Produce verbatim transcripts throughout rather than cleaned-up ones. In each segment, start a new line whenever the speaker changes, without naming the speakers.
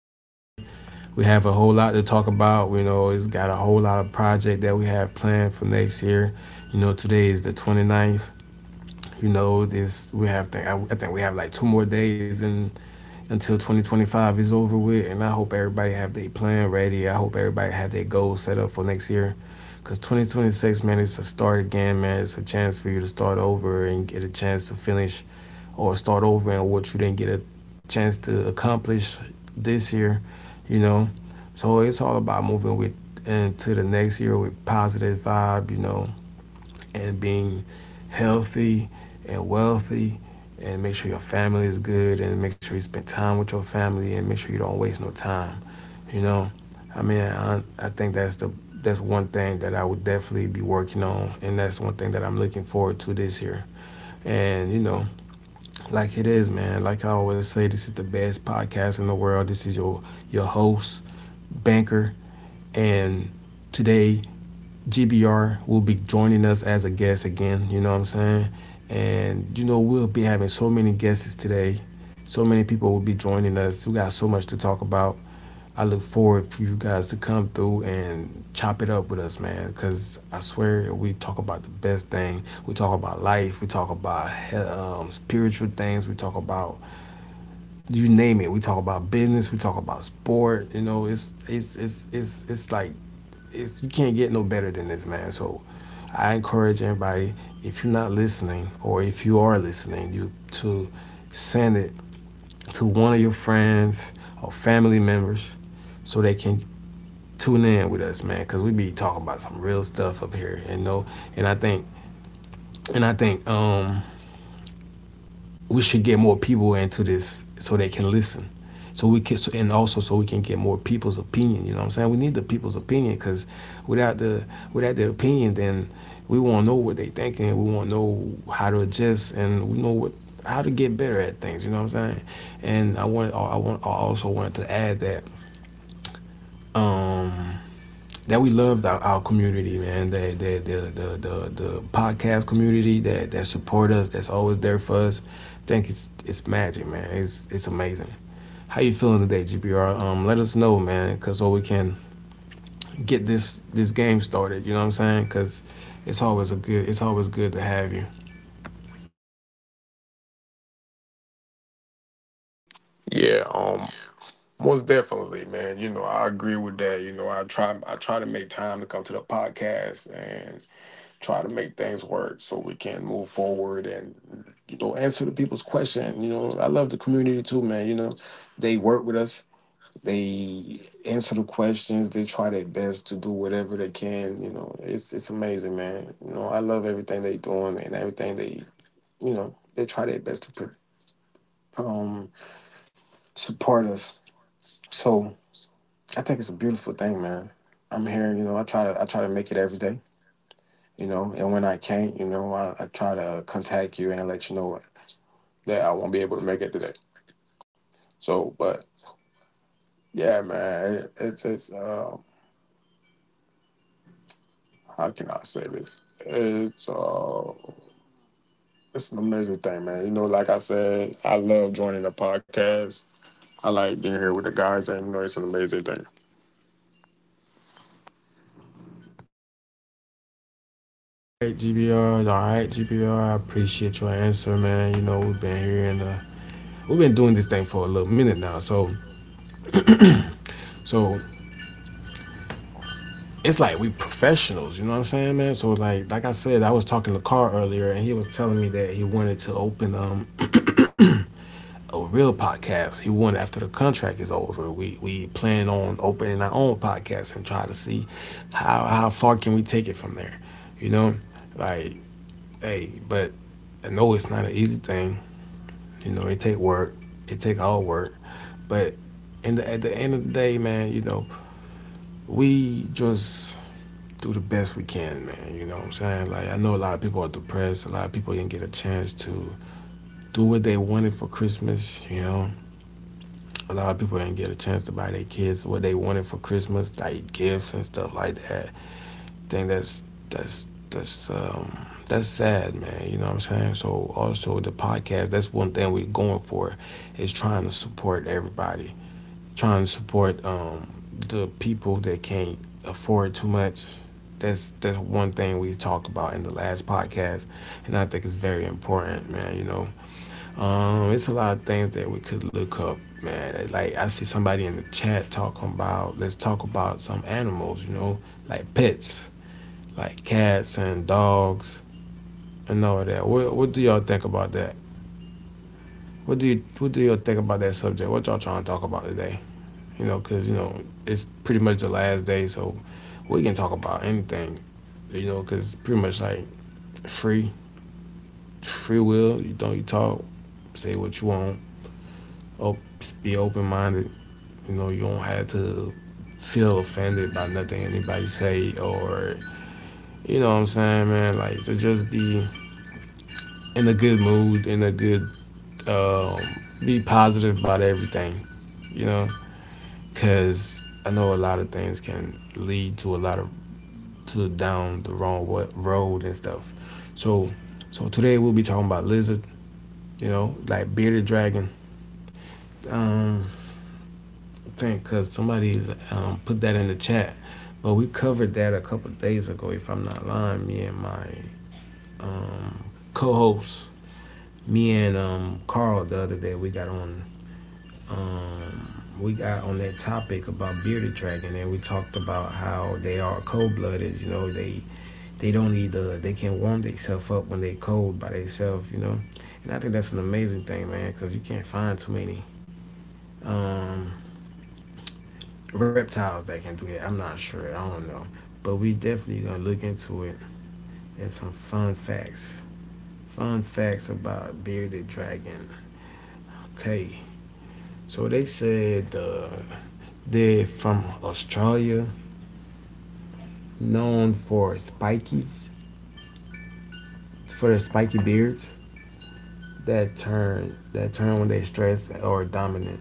here again. We have a whole lot to talk about. We know it's got a whole lot of project that we have planned for next year. You know, today is the 29th. You know, this we have, think, I, think we have like two more days in until twenty twenty-five is over with. And I hope everybody have their plan ready. I hope everybody have their goals set up for next year. Because twenty twenty-six, man, it's a start again, man. It's a chance for you to start over and get a chance to finish or start over and what you didn't get a chance to accomplish this year, you know. So it's all about moving with into the next year with positive vibe, you know, and being healthy and wealthy and make sure your family is good and make sure you spend time with your family and make sure you don't waste no time. You know, I mean, I, I think that's the that's one thing that I would definitely be working on and that's one thing that I'm looking forward to this year. And you know, like it is, man. Like I always say, this is the best podcast in the world. This is your your host, Banker, and today G B R will be joining us as a guest again. You know what I'm saying? And you know we'll be having so many guests today. So many people will be joining us. We got so much to talk about. I look forward for you guys to come through and chop it up with us, man. Cause I swear we talk about the best thing. We talk about life. We talk about um, spiritual things. We talk about you name it. We talk about business. We talk about sport. You know, it's it's it's it's it's like it's you can't get no better than this, man. So I encourage everybody, if you're not listening or if you are listening, you to send it to one of your friends or family members so they can tune in with us, man, because we be talking about some real stuff up here, you know. And I think and I think um we should get more people into this so they can listen so we can so, and also so we can get more people's opinion, you know what I'm saying? We need the people's opinion because without the without their opinion then we won't know what they thinking, we won't know how to adjust and we know what how to get better at things, you know what I'm saying. And i want i want I also wanted to add that um that we love our, our community, man. The, the the the the the podcast community that that support us, that's always there for us. I think it's it's magic, man. It's it's amazing. How you feeling today, G B R? Um, let us know, man, cause so we can get this this game started. You know what I'm saying? Cause it's always a good it's always good to have you.
Yeah, um, Most definitely, man. You know, I agree with that. You know, I try I try to make time to come to the podcast and try to make things work so we can move forward and you know answer the people's question. You know, I love the community too, man. You know, they work with us, they answer the questions, they try their best to do whatever they can. You know, it's it's amazing, man. You know, I love everything they doing and everything they you know they try their best to pr- um support us. So, I think it's a beautiful thing, man. I'm here, you know. I try to I try to make it every day, you know. And when I can't, you know, I, I try to contact you and let you know that I won't be able to make it today. So, but yeah, man, it, it's it's um, how can I say this? It's uh, it's an amazing thing, man. You know, like I said, I love joining the podcast. I like being here with the guys, and you know, it's an amazing thing.
All right, G B R. All right, G B R. I appreciate your answer, man. You know we've been here and uh, we've been doing this thing for a little minute now, so so it's like we professionals, you know what I'm saying, man? So like like I said, I was talking to Carl earlier and he was telling me that he wanted to open um a real podcast. He wanted after the contract is over. We we plan on opening our own podcast and try to see how how far can we take it from there. You know? Like, hey, but I know it's not an easy thing. You know, it take work. It take all work. But in the, at the end of the day, man, you know, we just do the best we can, man. You know what I'm saying? Like, I know a lot of people are depressed. A lot of people didn't get a chance to do what they wanted for Christmas, you know? A lot of people didn't get a chance to buy their kids what they wanted for Christmas, like gifts and stuff like that. I think that's, that's, that's, um, that's sad, man. You know what I'm saying? So also the podcast, that's one thing we're going for is trying to support everybody, trying to support um, the people that can't afford too much. That's that's one thing we talked about in the last podcast, and I think it's very important, man. You know, um, it's a lot of things that we could look up, man. Like I see somebody in the chat talking about let's talk about some animals, you know, like pets, like cats and dogs and all of that. What what do y'all think about that? What do you what do y'all think about that subject? What y'all trying to talk about today? You know, because, you know, it's pretty much the last day, so we can talk about anything, you know, because it's pretty much like free, free will. You don't, you talk, say what you want, op- be open minded, you know, you don't have to feel offended by nothing anybody say or you know what I'm saying, man. Like so just be in a good mood, in a good um, be positive about everything, you know, because I know a lot of things can lead to a lot of to down the wrong road and stuff. So, so today we'll be talking about lizard. You know, like bearded dragon. Um, I think because somebody's um put that in the chat, but we covered that a couple of days ago. If I'm not lying, me and my um co-host, me and um Carl the other day, we got on um we got on that topic about bearded dragon and we talked about how they are cold blooded. You know, they they don't need the, they can warm themselves up when they cold by themselves, you know. And I think that's an amazing thing, man, because you can't find too many um, reptiles that can do that. I'm not sure, I don't know, but we definitely gonna look into it. And some fun facts, fun facts about bearded dragon. Okay, so they said uh, they're from Australia, known for spiky, for their spiky beards that turn that turn when they stress or dominant.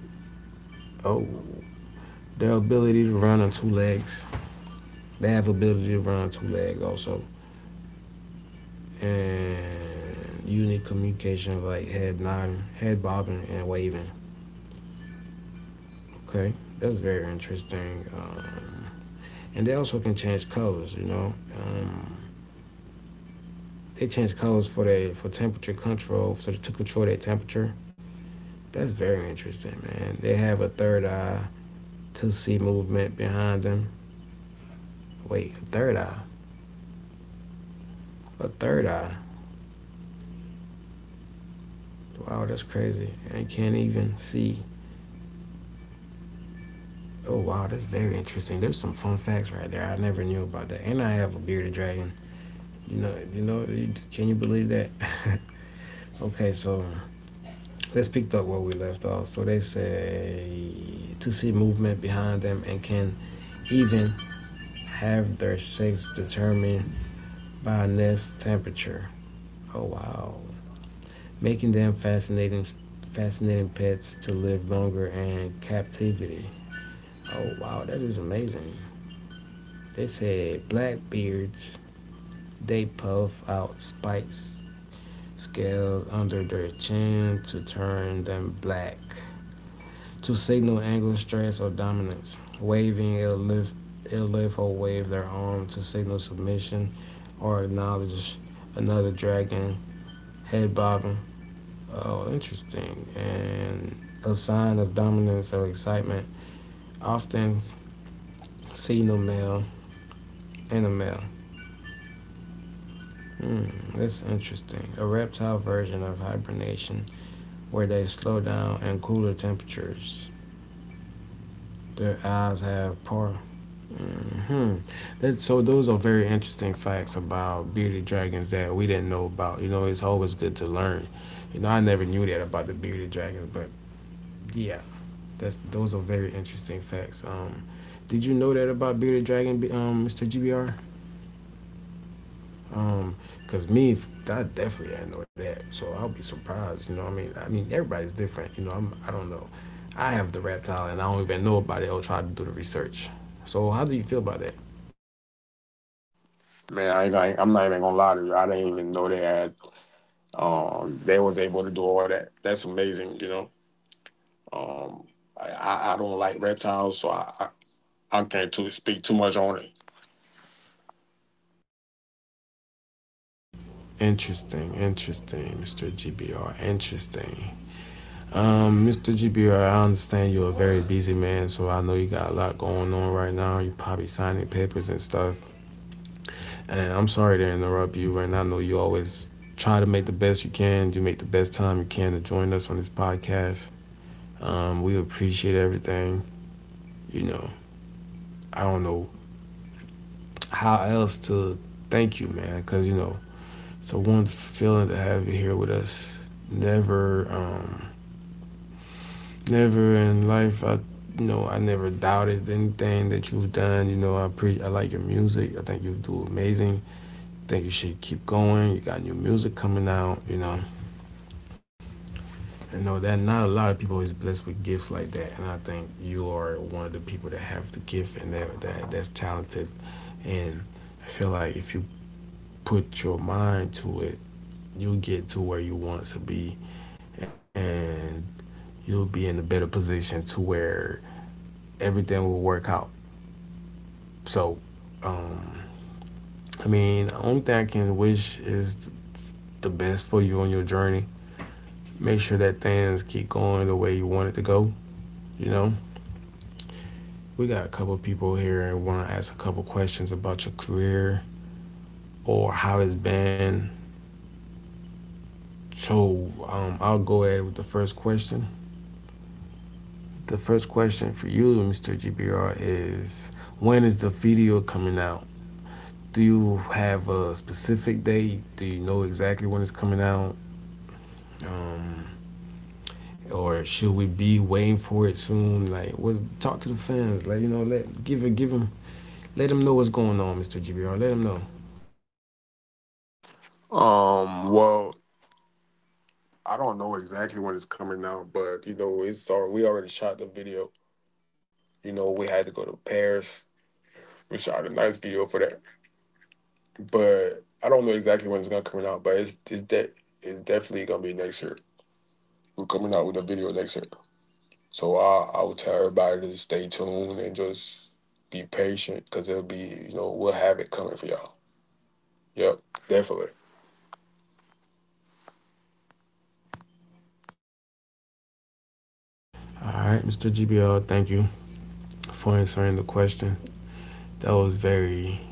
Oh, their ability to run on two legs. They have the ability to run on two legs also. And unique communication like head nodding, head bobbing, and waving. Okay, that's very interesting. Um, and they also can change colors. You know, um, they change colors for their for temperature control, so to control their temperature. That's very interesting, man. They have a third eye to see movement behind them. Wait, a third eye, a third eye. Wow, that's crazy. And can't even see. Oh wow, that's very interesting. There's some fun facts right there. I never knew about that. And I have a bearded dragon. You know, you know, you- can you believe that? Okay, so let's pick up where we left off. So they say to see movement behind them and can even have their sex determined by nest temperature. Oh wow, making them fascinating, fascinating pets to live longer in captivity. Oh wow, that is amazing. They said blackbeards, they puff out spikes, scales under their chin to turn them black, to signal anger, stress, or dominance. Waving, it'll lift, it'll lift or wave their arm to signal submission or acknowledge another dragon. Head bobbing. Oh, interesting. And a sign of dominance or excitement, often seen in male in a male. Hmm, that's interesting. A reptile version of hibernation where they slow down and cooler temperatures. Their eyes have power. Hmm. That, so those are very interesting facts about bearded dragons that we didn't know about. You know, it's always good to learn. You know, I never knew that about the bearded dragons, but yeah, that's those are very interesting facts. Um, did you know that about bearded dragon, um, mister G B R? Um, cause me, I definitely didn't know that, so I'll be surprised. You know, what I mean, I mean, everybody's different. You know, I'm, I don't know. I have the reptile, and I don't even know about it. I'll try to do the research. So, how do you feel about that?
Man, I, ain't gonna- I'm not even gonna lie to you. I didn't even know they had um they was able to do all that. That's amazing, you know. Um, I, I I don't like reptiles, so I, I, I can't too, speak too much on it.
Interesting, interesting, mister G B R. Interesting. Um, mister G B R, I understand you're a very busy man, so I know you got a lot going on right now. You're probably signing papers and stuff. And I'm sorry to interrupt you, and I know you always try to make the best you can. You make the best time you can to join us on this podcast. Um, we appreciate everything. You know, I don't know how else to thank you, man, because, you know, it's a wonderful feeling to have you here with us. Never, um, never in life, I, you know, I never doubted anything that you've done. You know, I pre- I like your music. I think you do amazing. I think you should keep going. You got new music coming out, you know. You know that not a lot of people is blessed with gifts like that, and I think you are one of the people that have the gift and that, that that's talented. And I feel like if you put your mind to it, you'll get to where you want to be, and you'll be in a better position to where everything will work out. So, um, I mean, the only thing I can wish is the best for you on your journey. Make sure that things keep going the way you want it to go. You know, we got a couple people here and want to ask a couple questions about your career or how it's been. So um, I'll go ahead with the first question. The first question for you, mister G B R, is when is the video coming out? Do you have a specific date? Do you know exactly when it's coming out? Um, or should we be waiting for it soon? Like, what? Talk to the fans. Like, you know, let give it, give them, let them know what's going on, mister G B R. Let them know.
Um, well, I don't know exactly when it's coming out, but you know, it's all we already shot the video. You know, we had to go to Paris. We shot a nice video for that, but I don't know exactly when it's gonna coming out. But it's it's de- it's definitely gonna be next year. We're coming out with a video next year, so I I would tell everybody to stay tuned and just be patient because it'll be you know we'll have it coming for y'all. Yep, definitely.
All right, mister G B R. Thank you for answering the question. That was very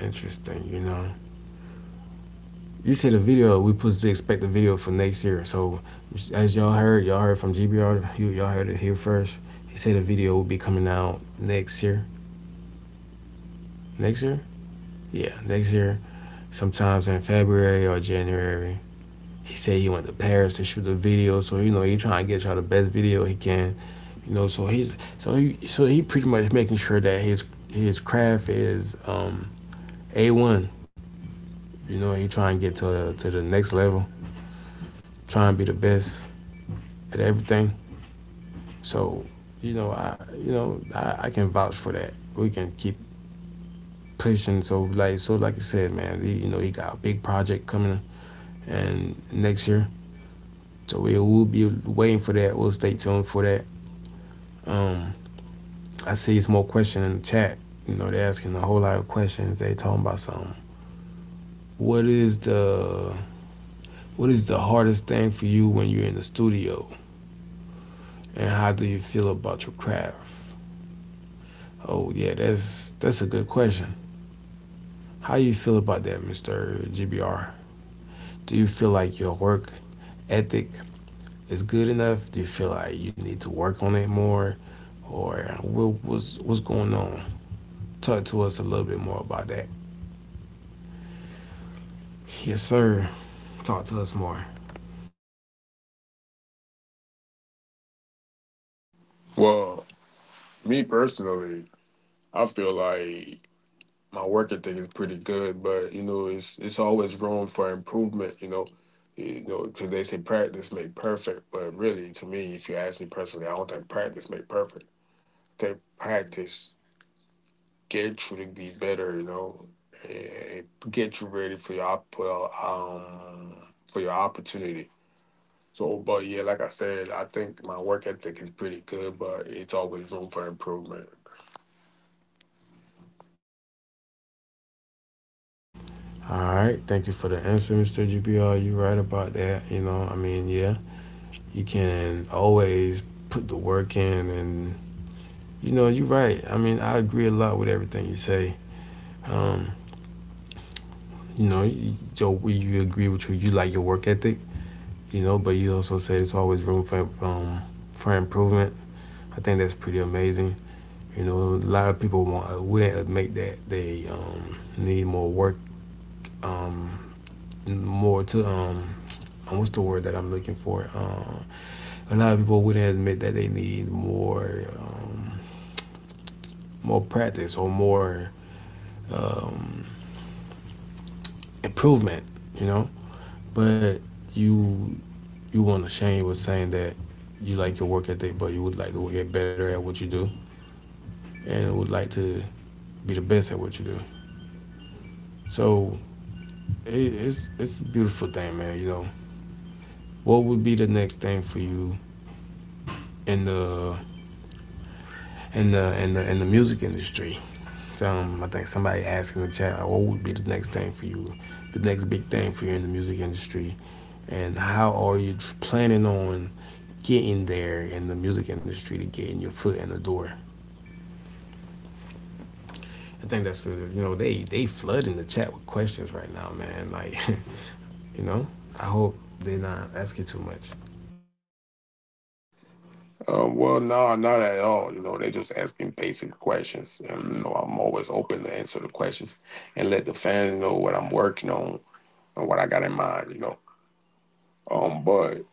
interesting, you know. You see the video, we supposed to expect the video for next year. So as y'all heard, y'all heard from G B R, you all heard it here first. He said the video will be coming out next year. Next year? Yeah, next year. Sometimes in February or January. He said he went to Paris to shoot the video, so you know he trying to get y'all the best video he can. You know, so he's so he so he pretty much making sure that his his craft is um a one. You know, he trying to get to to the next level, trying to be the best at everything. So, you know, I you know I, I can vouch for that. We can keep pushing. So like so like I said, man, he, you know, he got a big project coming and next year. So we will be waiting for that. We'll stay tuned for that. Um, I see some more question in the chat. You know, they're asking a whole lot of questions. They talking about something. What is the what is the hardest thing for you when you're in the studio? And how do you feel about your craft? Oh yeah, that's that's a good question. How you feel about that, mister G B R? Do you feel like your work ethic is good enough? Do you feel like you need to work on it more, or what, what's what's going on? Talk to us a little bit more about that. Yes, sir. Talk to us more.
Well, me personally, I feel like my work ethic is pretty good, but you know, it's it's always room for improvement. You know, you know, because they say practice make perfect, but really, to me, if you ask me personally, I don't think practice make perfect. That practice get you to be better. You know, and get you ready for your op- um for your opportunity. So, but yeah, like I said, I think my work ethic is pretty good, but it's always room for improvement.
All right. Thank you for the answer, mister G B R. You're right about that. You know, I mean, yeah, you can always put the work in and you know, you're right. I mean, I agree a lot with everything you say. Um, you know, you, Joe, you agree with you. You like your work ethic, you know, but you also say there's always room for um, for improvement. I think that's pretty amazing. You know, a lot of people want wouldn't admit that they um, need more work, um, more to um, uh, what's the word that I'm looking for? Uh, a lot of people wouldn't admit that they need more um, more practice or more um, improvement. You know, but you you weren't ashamed with saying that you like your work ethic, but you would like to get better at what you do and would like to be the best at what you do. So it, it's it's a beautiful thing, man. You know, what would be the next thing for you in the in the in the in the music industry? Um, I think somebody asked in the chat, like, what would be the next thing for you, the next big thing for you in the music industry, and how are you planning on getting there in the music industry to getting your foot in the door? I think that's a, you know they they flooding the chat with questions right now, man. Like, you know, I hope they're not asking too much.
Um, well, no, not at all. You know, they're just asking basic questions. And, you know, I'm always open to answer the questions and let the fans know what I'm working on and what I got in mind, you know. Um, but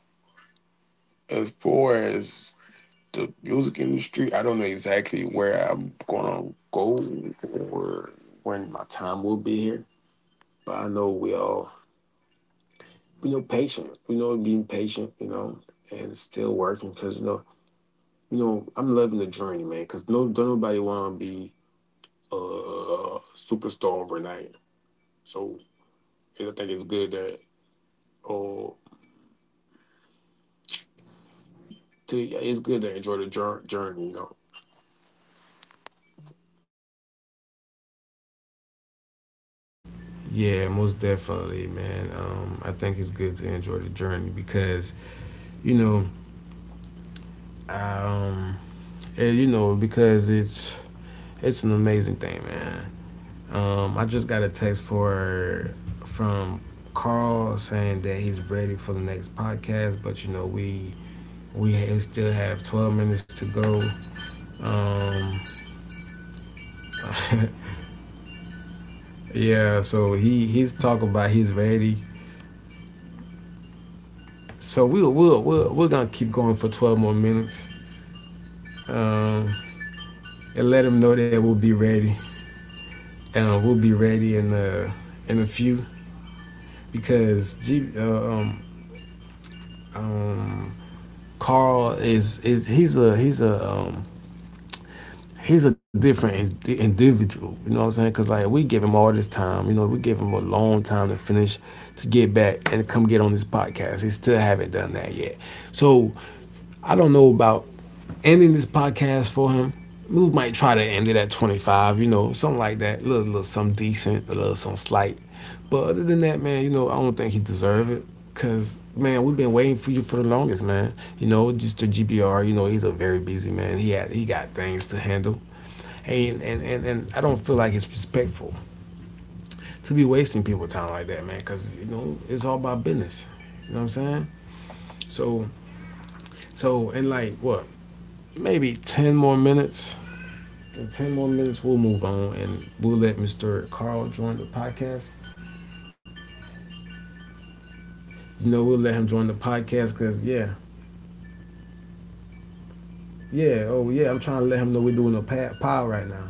as far as the music industry, I don't know exactly where I'm gonna go or when my time will be here. But I know we all, you know, patient, you know, being patient, you know, and still working because, you know, you know, I'm loving the journey, man, because no, don't nobody want to be uh superstar overnight. So I think it's good that oh to, yeah, it's good to enjoy the jour- journey, you know.
Yeah, most definitely, man. Um, I think it's good to enjoy the journey because you know, um, eh, you know, because it's it's an amazing thing, man. Um, I just got a text for from Carl saying that he's ready for the next podcast, but you know we we still have twelve minutes to go. Um, Yeah, so he he's talking about he's ready. So we'll we'll we'll we're gonna keep going for twelve more minutes, um, and let him know that we'll be ready. Uh, we'll be ready in uh in a few because G, uh, um, um, Carl is is he's a he's a um, he's a different in- individual. You know what I'm saying? Cause like we give him all this time. You know, we give him a long time to finish, to get back and come get on this podcast. He still haven't done that yet. So I don't know about ending this podcast for him. We might try to end it at twenty-five, you know, something like that. A little, little something decent, a little something slight. But other than that, man, you know, I don't think he deserve it. Cause man, we've been waiting for you for the longest, man. You know, just the G B R. You know, he's a very busy man. He had he got things to handle. Hey, and and and, and I don't feel like it's respectful to be wasting people's time like that, man. Cause you know, it's all about business. You know what I'm saying? So so and like what Maybe ten more minutes. In ten more minutes, we'll move on and we'll let mister Carl join the podcast. You know, we'll let him join the podcast because, yeah, yeah, oh, yeah, I'm trying to let him know we're doing a pad right now.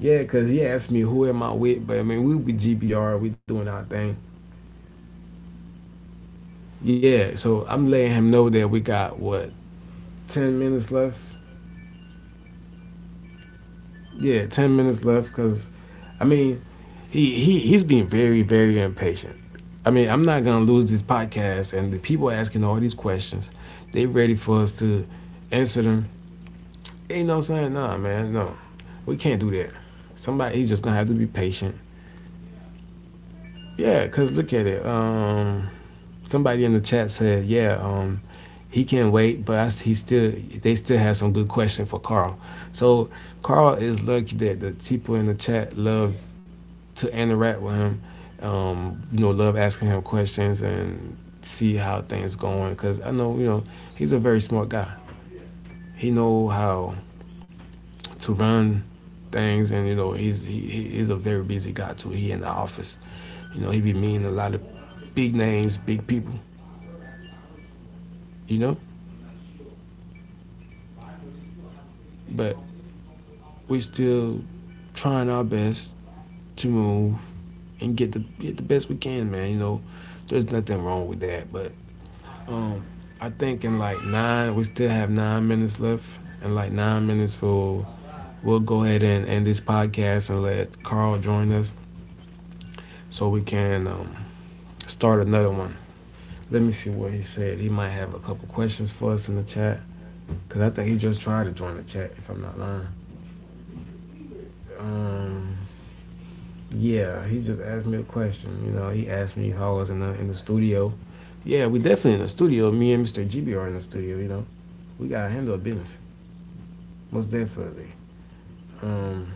Yeah, because he asked me who am I with, but I mean, we'll be G B R, we doing our thing. Yeah, so I'm letting him know that we got, what, ten minutes left? Yeah, ten minutes left because, I mean, he, he he's being very very impatient. I mean, I'm not gonna lose this podcast, and the people asking all these questions, they ready for us to answer them. You know what I'm saying? Nah, man, no, we can't do that. Somebody, he's just gonna have to be patient. Yeah, cause look at it. Um, somebody in the chat said, yeah, um, he can wait, but I, he still, they still have some good question for Carl. So Carl is lucky that the people in the chat love to interact with him. Um, you know, love asking him questions and see how things going because I know you know he's a very smart guy. He know how to run things, and you know he's he, he's a very busy guy too. He in the office, you know, he be meeting a lot of big names, big people, you know. But we still trying our best to move and get the get the best we can, man. You know, there's nothing wrong with that, but Um, I think in like nine, we still have nine minutes left. In like nine minutes, we'll we'll go ahead and end this podcast and let Carl join us so we can um, start another one. Let me see what he said. He might have a couple questions for us in the chat because I think he just tried to join the chat if I'm not lying. Um, yeah, he just asked me a question. You know, he asked me if I was in the in the studio. Yeah, we definitely in the studio. Me and mister G B are in the studio. You know, we gotta handle business most definitely. Um,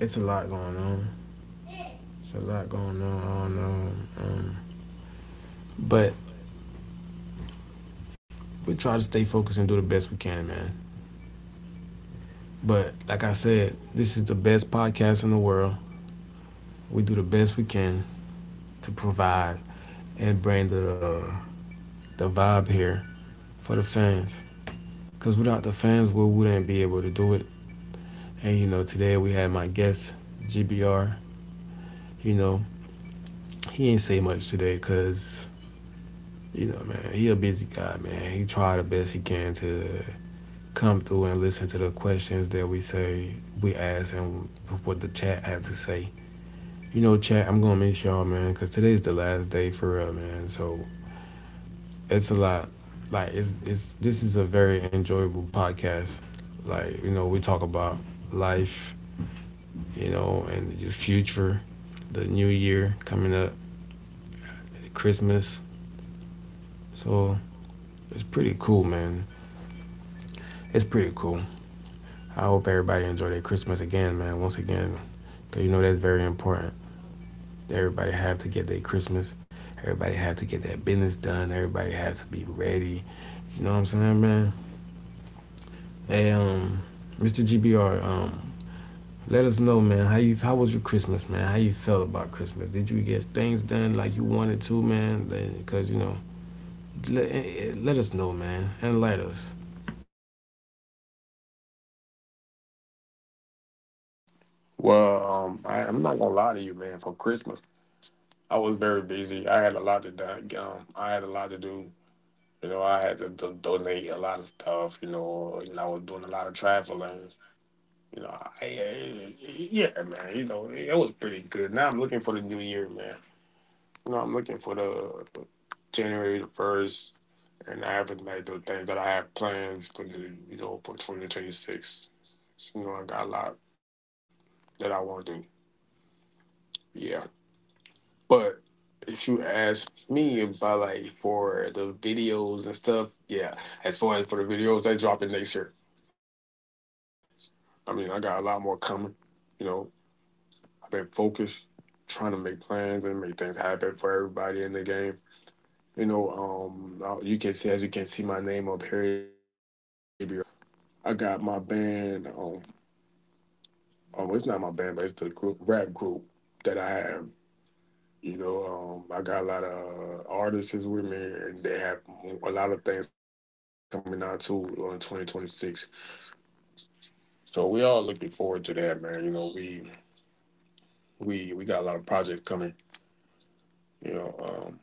it's a lot going on. It's a lot going on. I don't know. Um, but we try to stay focused and do the best we can, man. But like I said, this is the best podcast in the world. We do the best we can to provide and bring the uh, the vibe here for the fans. Cause without the fans, we wouldn't be able to do it. And you know, today we had my guest G B R. You know, he ain't say much today, cause you know, man, he a busy guy, man. He tried the best he can to come through and listen to the questions that we say we ask and what the chat have to say. You know, chat, I'm gonna miss y'all, man, because today's the last day for real, man. So it's a lot. Like it's it's this is a very enjoyable podcast. Like you know, we talk about life, you know, and the future, the new year coming up, Christmas. So it's pretty cool, man. It's pretty cool. I hope everybody enjoy their Christmas again, man. Once again, cause you know that's very important. Everybody have to get their Christmas. Everybody have to get their business done. Everybody have to be ready. You know what I'm saying, man? Hey, um, mister G B R, um, let us know, man. How you? How was your Christmas, man? How you felt about Christmas? Did you get things done like you wanted to, man? Because you know, let, eh, eh, let us know, man, and let us.
Well, um, I, I'm not gonna lie to you, man. For Christmas, I was very busy. I had a lot to do. Um, I had a lot to do. You know, I had to do- donate a lot of stuff. You know, and I was doing a lot of traveling. You know, I, I- yeah, man. You know, it was pretty good. Now I'm looking for the new year, man. You know, I'm looking for the January the first, and I haven't like the things that I have plans for the you know for twenty twenty-six. You know, I got a lot that I want to do. Yeah, but if you ask me about like for the videos and stuff, yeah. As far as for the videos, they dropping next year. I mean, I got a lot more coming. You know, I've been focused, trying to make plans and make things happen for everybody in the game. You know, um, uh, you can see as you can see my name up here is G B R. I got my band. Um. um, it's not my band, but it's the group rap group that I have. You know, um, I got a lot of uh, artists with me, and they have a lot of things coming out too in twenty twenty-six. So we all looking forward to that, man. You know, we we we got a lot of projects coming. You know, um,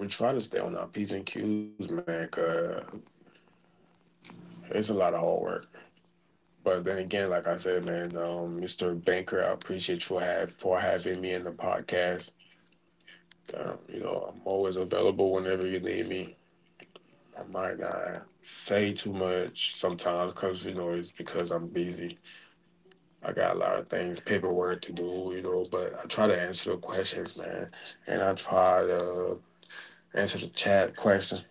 we try to stay on our p's and q's, man, cause it's a lot of hard work. But then again, like I said, man, um, mister Banker, I appreciate you have for having me in the podcast. Um, you know, I'm always available whenever you need me. I might not say too much sometimes because, you know, it's because I'm busy. I got a lot of things, paperwork to do, you know, but I try to answer the questions, man. And I try to answer the chat questions.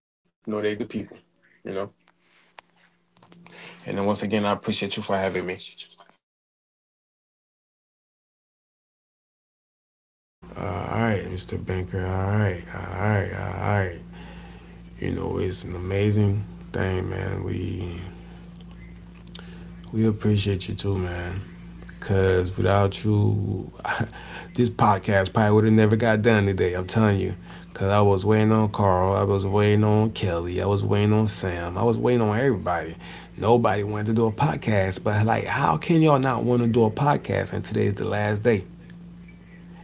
You know, they're good people, you know. And then once again, I appreciate you for having me.
Uh, all right, mister Banker. All right, all right, all right. You know, it's an amazing thing, man. We We appreciate you too, man. Cause without you, this podcast probably would have never got done today. I'm telling you. Cause I was waiting on Carl, I was waiting on Kelly, I was waiting on Sam, I was waiting on everybody. Nobody wanted to do a podcast, but like, how can y'all not want to do a podcast? And today's the last day.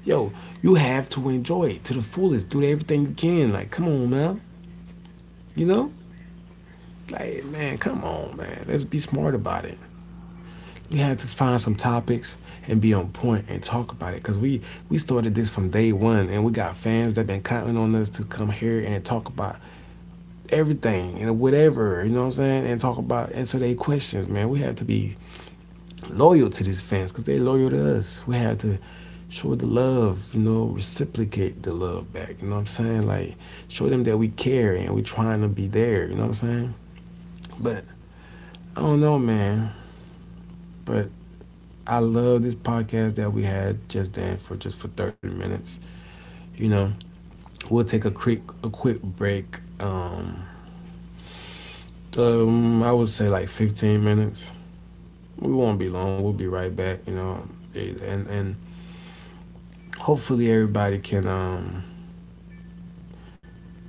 Yo, you have to enjoy it to the fullest. Do everything you can. Like, come on, man. You know, like, man, come on, man. Let's be smart about it. We had to find some topics and be on point and talk about it because we we started this from day one and we got fans that been counting on us to come here and talk about everything and whatever, you know what I'm saying, and talk about, answer their questions, man. We have to be loyal to these fans because they're loyal to us. We have to show the love, you know, reciprocate the love back, you know what I'm saying, like show them that we care and we trying to be there, you know what I'm saying. But I don't know, man. But I love this podcast that we had just then for just for thirty minutes. You know, we'll take a quick a quick break. Um, um I would say like fifteen minutes. We won't be long. We'll be right back, you know. And and hopefully everybody can um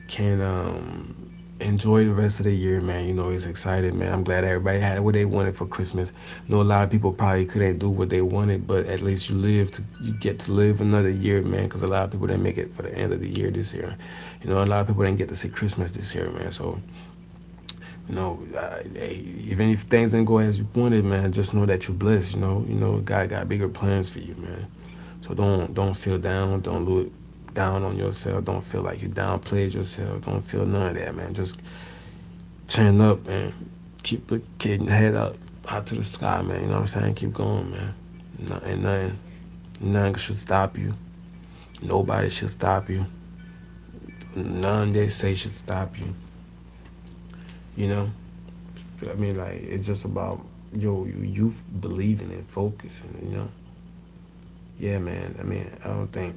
can um, enjoy the rest of the year, man. You know, it's excited, man. I'm glad everybody had what they wanted for Christmas. I know a lot of people probably couldn't do what they wanted, but at least you live to you get to live another year, man. Because a lot of people didn't make it for the end of the year this year. You know, a lot of people didn't get to see Christmas this year, man. So you know, uh, hey, even if things didn't go as you wanted, man, just know that you're blessed. You know, you know, God got bigger plans for you, man. So don't don't feel down. Don't look down on yourself. Don't feel like you downplayed yourself. Don't feel none of that, man. Just turn up and keep looking head up, out to the sky, man. You know what I'm saying? Keep going, man. Nothing, nothing, nothing should stop you. Nobody should stop you. None they say should stop you. You know, I mean, like it's just about yo, you, you believing and focusing. You know, yeah, man. I mean, I don't think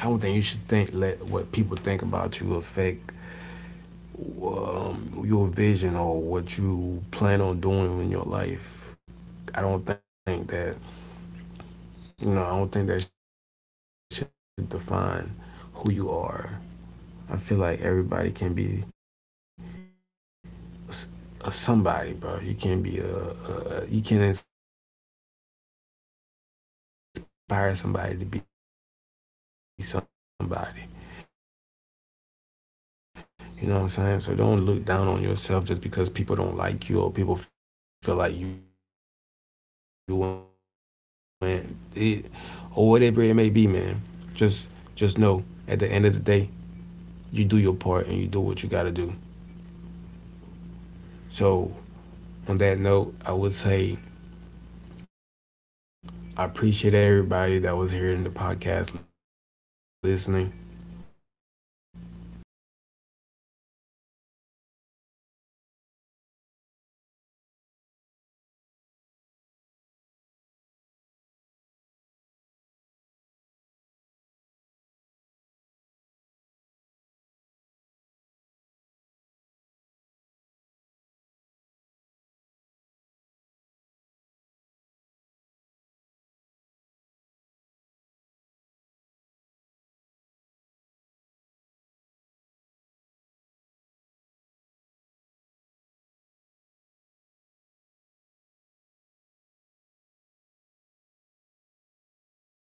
I don't think you should think, let what people think about you affect um, your vision or what you plan on doing in your life. I don't think that, you know. I don't think that should define who you are. I feel like everybody can be a s- a somebody, bro. You can be a, a you can inspire somebody to be somebody. Don't look down on yourself just because people don't like you or people feel like you ain't or whatever it may be. Just just know at the end of the day, you do your part and you do what you got to do. So on that note, I would say I appreciate everybody that was here in the podcast listening. I appreciate everybody that came here. Appreciate everybody that showed love. Appreciate everybody, man, because, you know, without y'all, we wouldn't be able to do it. It was nice having my guest here with me, mister G B R. He always showed love, always come through, you know. Um, on that note, I would say that this is the end of the podcast. We will be closing out in two more minutes because it's twenty-eight. So we'll be leaving out, podcast is over with.